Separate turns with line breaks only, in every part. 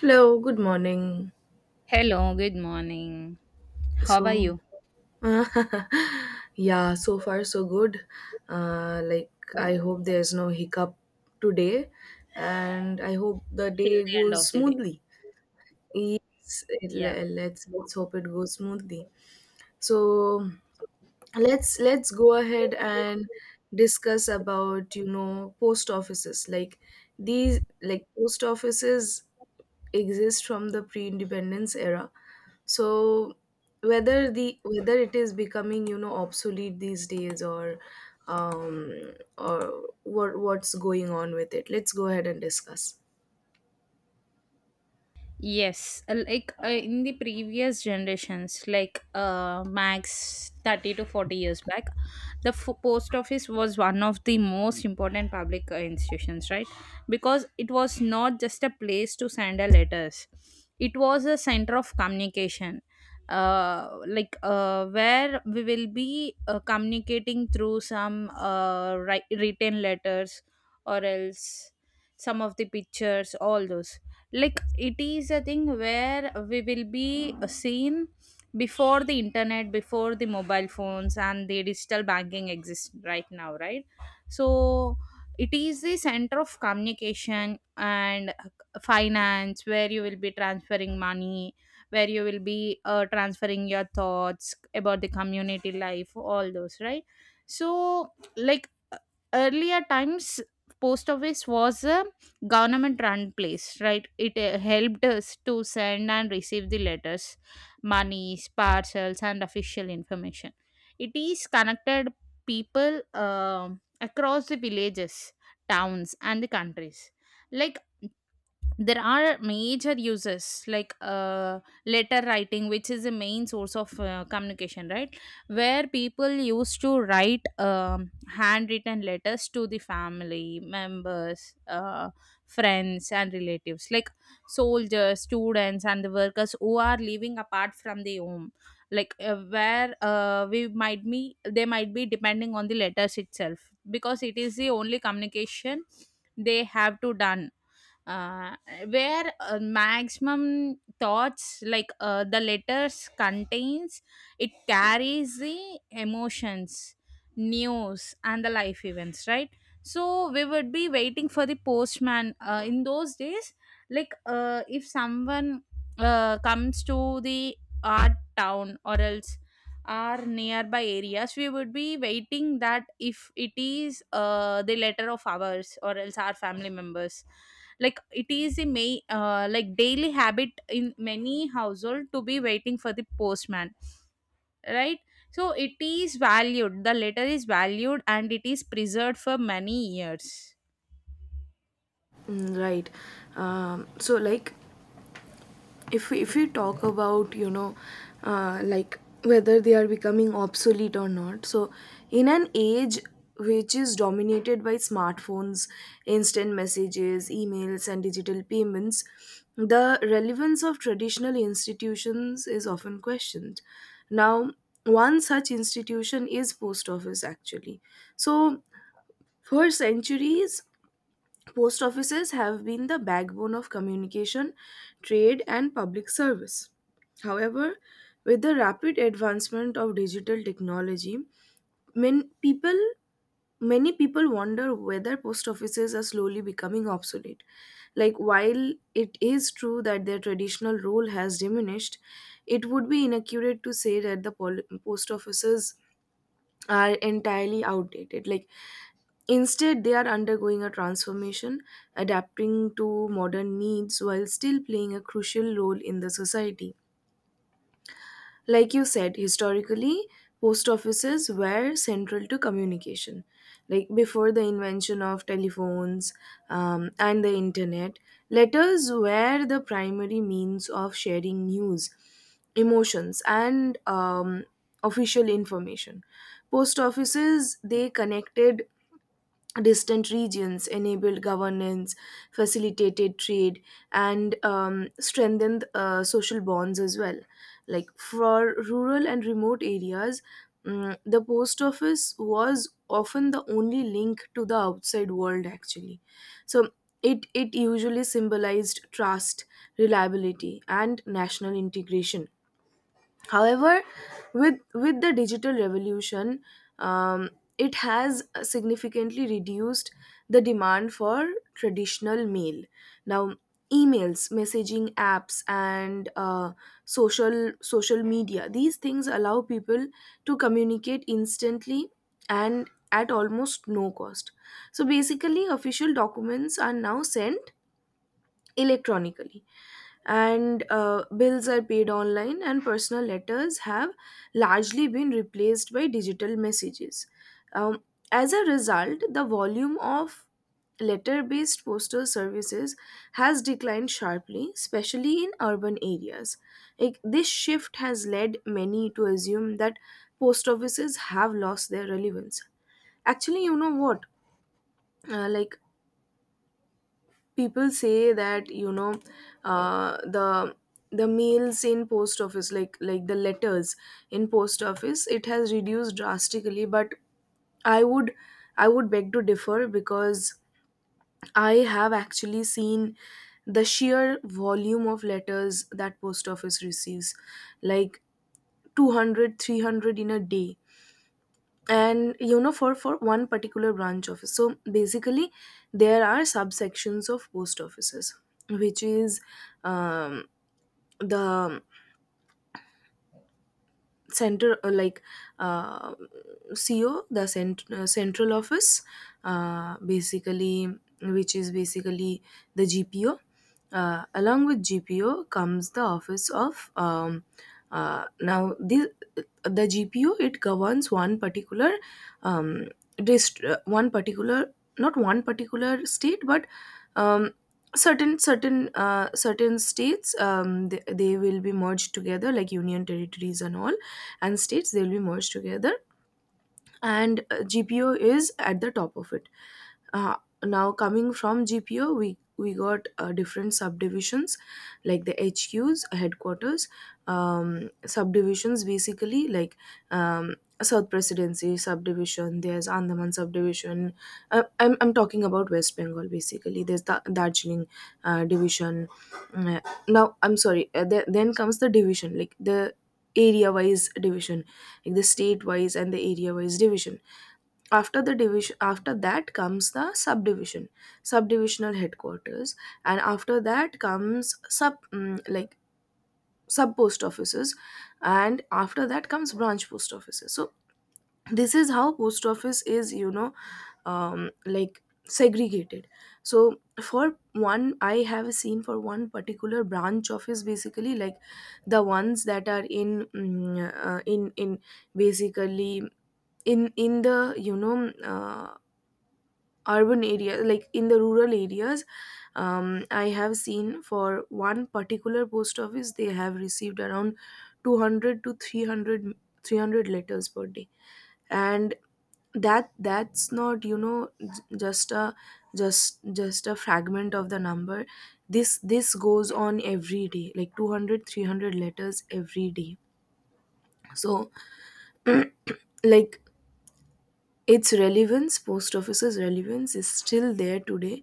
Hello, good morning.
Hello, good morning. How are
So,
you?
yeah, so far so good. Like, I hope there's no hiccup today, and I hope the
Till
day
the end
goes
of the day.
smoothly. Yes, it,
Yeah.
le- let's hope it goes smoothly. So, let's go ahead and discuss about post offices, like these like post offices exist from the pre-independence era. So whether it is becoming obsolete these days, or um or what's going on with it, let's go ahead and discuss.
Yes, in the previous generations, max 30 to 40 years back, post office was one of the most important public institutions, right? Because it was not just a place to send a letters, it was a center of communication. Where we will be communicating through some written letters or else some of the pictures all those, like it is a thing where we will be seen before the internet, before the mobile phones and the digital banking exists right now, right? So it is the center of communication and finance, where you will be transferring money, where you will be transferring your thoughts about the community life, all those, right? So like, earlier times, post office was a government run place, right? It helped us to send and receive the letters, monies, parcels and official information. It is connected people, across the villages, towns and the countries. Like, there are major uses, like uh, letter writing, which is the main source of communication, right? Where people used to write um, handwritten letters to the family members, friends and relatives, like soldiers, students and the workers who are living apart from the home. Like uh, where uh, we might be they might be depending on the letters itself, because it is the only communication they have to done. Uh, where Maximum thoughts, like the letters contains, it carries the emotions, news and the life events, right? So we would be waiting for the postman in those days. Like, if someone comes to the our town or else our nearby areas, we would be waiting that if it is the letter of ours or else our family members. Like, it is a may like daily habit in many household to be waiting for the postman, right? So it is valued, the letter is valued and it is preserved for many years.
Mm, right. So, like, if we talk about like whether they are becoming obsolete or not. So in an age which is dominated by smartphones, instant messages, emails, and digital payments, the relevance of traditional institutions is often questioned. Now, one such institution is post office, actually. So for centuries, post offices have been the backbone of communication, trade, and public service. However, with the rapid advancement of digital technology, many people many people wonder whether post offices are slowly becoming obsolete. Like, while it is true that their traditional role has diminished, it would be inaccurate to say that post offices are entirely outdated. Like, instead, they are undergoing a transformation, adapting to modern needs while still playing a crucial role in the society. Like you said, historically, post offices were central to communication. Like, before the invention of telephones and the internet, letters were the primary means of sharing news, emotions, and official information. Post offices, they connected distant regions, enabled governance, facilitated trade, and strengthened social bonds as well. Like, for rural and remote areas, the post office was often the only link to the outside world, actually. So it usually symbolized trust, reliability, and national integration. However, with the digital revolution, um, it has significantly reduced the demand for traditional mail. Now, emails, messaging apps, and social media, these things allow people to communicate instantly and at almost no cost. So basically, official documents are now sent electronically, and bills are paid online, and personal letters have largely been replaced by digital messages. um, as a result, the volume of letter based postal services has declined sharply, especially in urban areas. Like, this shift has led many to assume that post offices have lost their relevance. Actually, you know what, like, people say that uh, the the mails in post office, like the letters in post office, it has reduced drastically. But i would I would beg to differ, because I have actually seen the sheer volume of letters that post office receives, like 200, 300 in a day, and for one particular branch office. So basically there are subsections of post offices, which is um, the center like uh, CO, central office, basically, which is basically the GPO. Along with GPO comes the office of now, the GPO, it governs one particular, um, one particular, not one particular state, but um, certain states. They will be merged together like union territories and all, and states, they will be merged together, and GPO is at the top of it. Uh, now, coming from GPO, we got different subdivisions, like the HQs, headquarters, subdivisions, basically, like um, South Presidency subdivision. There's Andaman subdivision. I'm talking about West Bengal, basically. There's the Darjeeling division. Mm, Uh, now, I'm sorry. Then comes the division, like the area wise division, like the state wise and the area wise division. After the division, after that comes the subdivision, subdivisional headquarters, and after that comes sub mm, like sub post offices, and after that comes branch post offices. So this is how post office is, like, segregated. So for one, I have seen for one particular branch office, basically, like the ones that are in mm, in basically in the urban area, like in the rural areas. I have seen for one particular post office, they have received around 200 to three hundred letters per day, and that's not, just a fragment of the number. This goes on every day, like 200 300 letters every day. So, like, its relevance, post office's relevance, is still there today.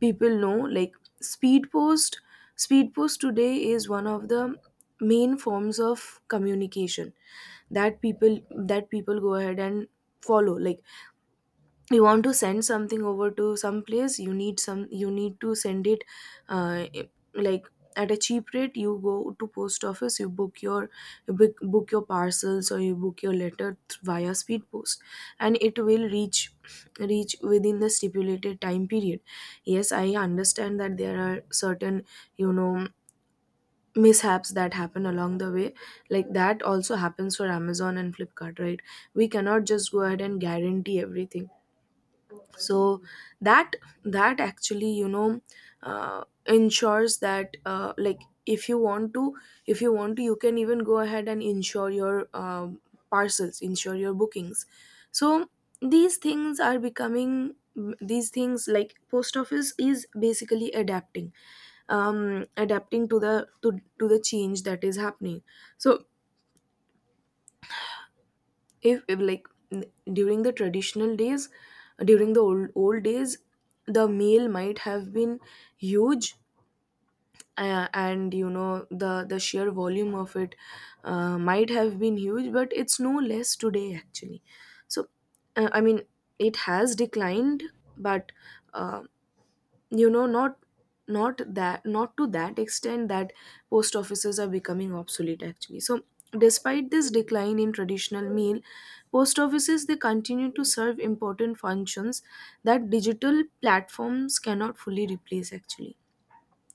People know, like, speed post speed post today is one of the main forms of communication that people go ahead and follow. Like, you want to send something over to some place, you need to send it uh, like at a cheap rate. You go to post office, you book your parcels, or you book your letter via speed post, and it will reach within the stipulated time period. Yes, I understand that there are certain, you know mishaps that happen along the way. Like, that also happens for Amazon and Flipkart, right? We cannot just go ahead and guarantee everything. So that that actually, ensures that, like, if you want to if you want to, you can even go ahead and insure your parcels, insure your bookings. So these things are becoming, these things, like post office is basically adapting, adapting to the change that is happening. So if like n- during the traditional days, during the old days, the meal might have been huge, and the sheer volume of it might have been huge, but it's no less today, actually. So I mean, it has declined, but uh, you know not not that, not to that extent that post offices are becoming obsolete, actually. So despite this decline in traditional mail, post offices, they continue to serve important functions that digital platforms cannot fully replace, actually.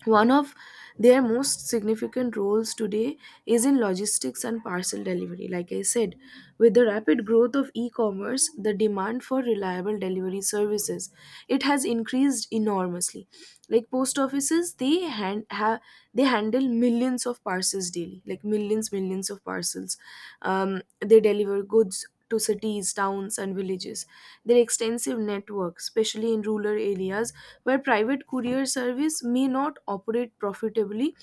One of their most significant roles today is in logistics and parcel delivery. Like I said, with the rapid growth of e commerce, the demand for reliable delivery services, it has increased enormously. Like, post offices, they hand have they handle millions of parcels daily, like millions of parcels. They deliver goods to cities, towns, and villages. Their extensive network, especially in rural areas where private courier service may not operate profitably,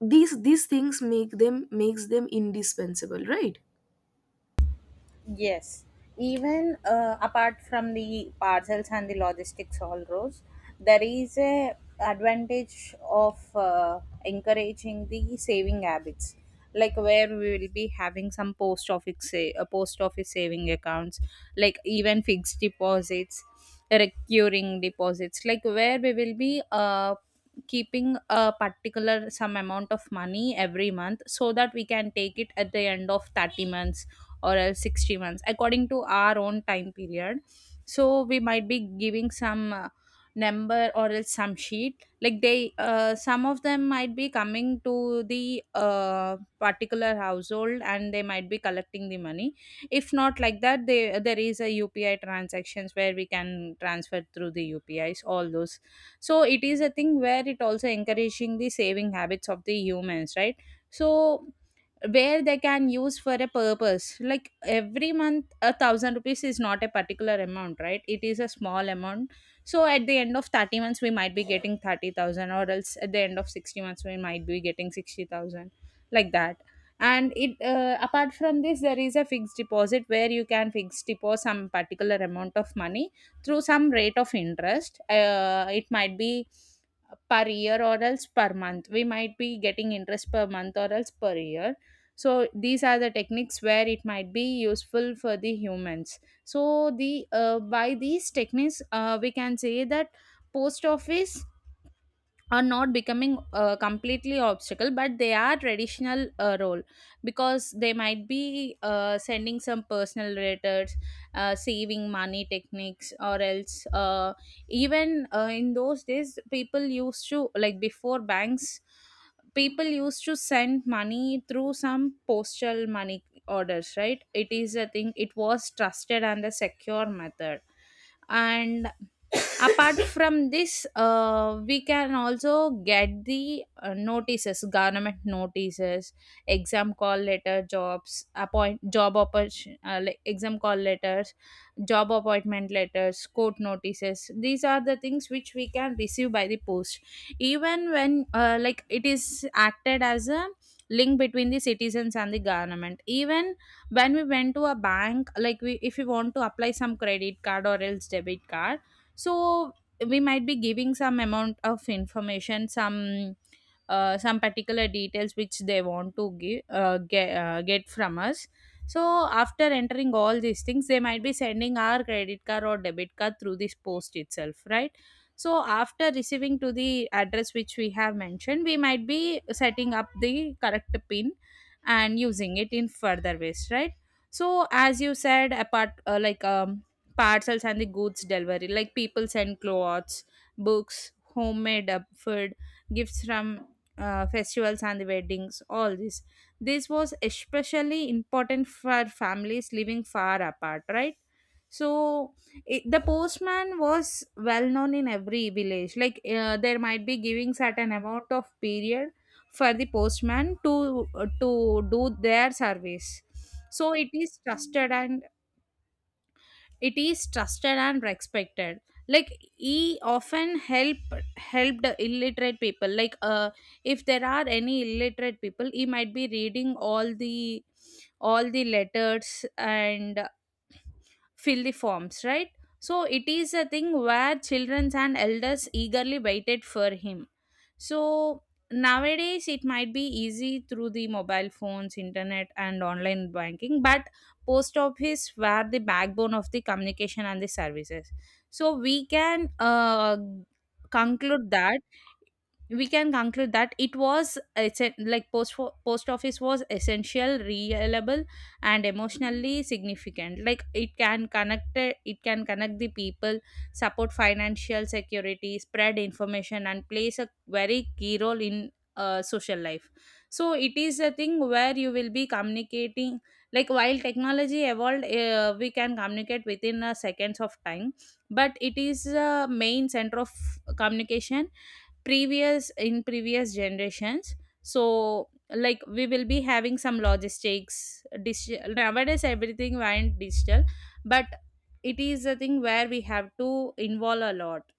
these things makes them indispensable, right?
Yes, even apart from the parcels and the logistics all rows, there is a advantage of encouraging the saving habits, like where we will be having some post office saving accounts, like even fixed deposits, recurring deposits, like where we will be keeping a particular some amount of money every month, so that we can take it at the end of 30 months or else 60 months, according to our own time period. So we might be giving some number or else some sheet, like they some of them might be coming to the particular household and they might be collecting the money. If not like that, they, there is a upi transactions where we can transfer through the upis all those. So it is a thing where it also encouraging the saving habits of the humans, right? So where they can use for a purpose, like every month 1,000 rupees is not a particular amount, right? It is a small amount. So at the end of 30 months we might be getting 30,000 or else at the end of 60 months we might be getting 60,000, like that. And it, apart from this, there is a fixed deposit where you can fix deposit some particular amount of money through some rate of interest. It might be per year or else per month, we might be getting interest per month or else per year. So these are the techniques where it might be useful for the humans. So the by these techniques, we can say that post office are not becoming completely obstacle, but they are traditional role, because they might be sending some personal letters, saving money techniques, or else even in those days people used to, like before banks, people used to send money through some postal money orders, right? It is a thing, it was trusted and a secure method. And apart from this, we can also get the notices, government notices, exam call letter jobs appoint job oppor- like exam call letters, job appointment letters, court notices, these are the things which we can receive by the post. Even when like, it is acted as a link between the citizens and the government. Even when we went to a bank, like we, if we want to apply some credit card or else debit card, so we might be giving some amount of information, some particular details which they want to give get from us. So after entering all these things, they might be sending our credit card or debit card through this post itself, right? So after receiving to the address which we have mentioned, we might be setting up the correct pin and using it in further ways, right? So as you said, apart parcels and the goods delivery, like people send clothes, books, homemade food, gifts from festivals and the weddings, all this, this was especially important for families living far apart, right? So it, the postman was well known in every village, there might be giving certain amount of period for the postman to do their service. So it is trusted and respected. Like he often help helped illiterate people, like if there are any illiterate people, he might be reading all the letters and fill the forms, right? So it is a thing where children and elders eagerly waited for him. So nowadays it might be easy through the mobile phones, internet and online banking, but post office were the backbone of the communication and the services. So we can conclude that we can conclude that it was it's a, like post fo- post office was essential, reliable and emotionally significant. Like it can connect, it can connect the people, support financial security, spread information and plays a very key role in social life. So it is a thing where you will be communicating, like while technology evolved, we can communicate within seconds of time. But it is a main center of communication, previous generations. So like we will be having some logistics, digital, nowadays everything went digital, but it is a thing where we have to involve a lot.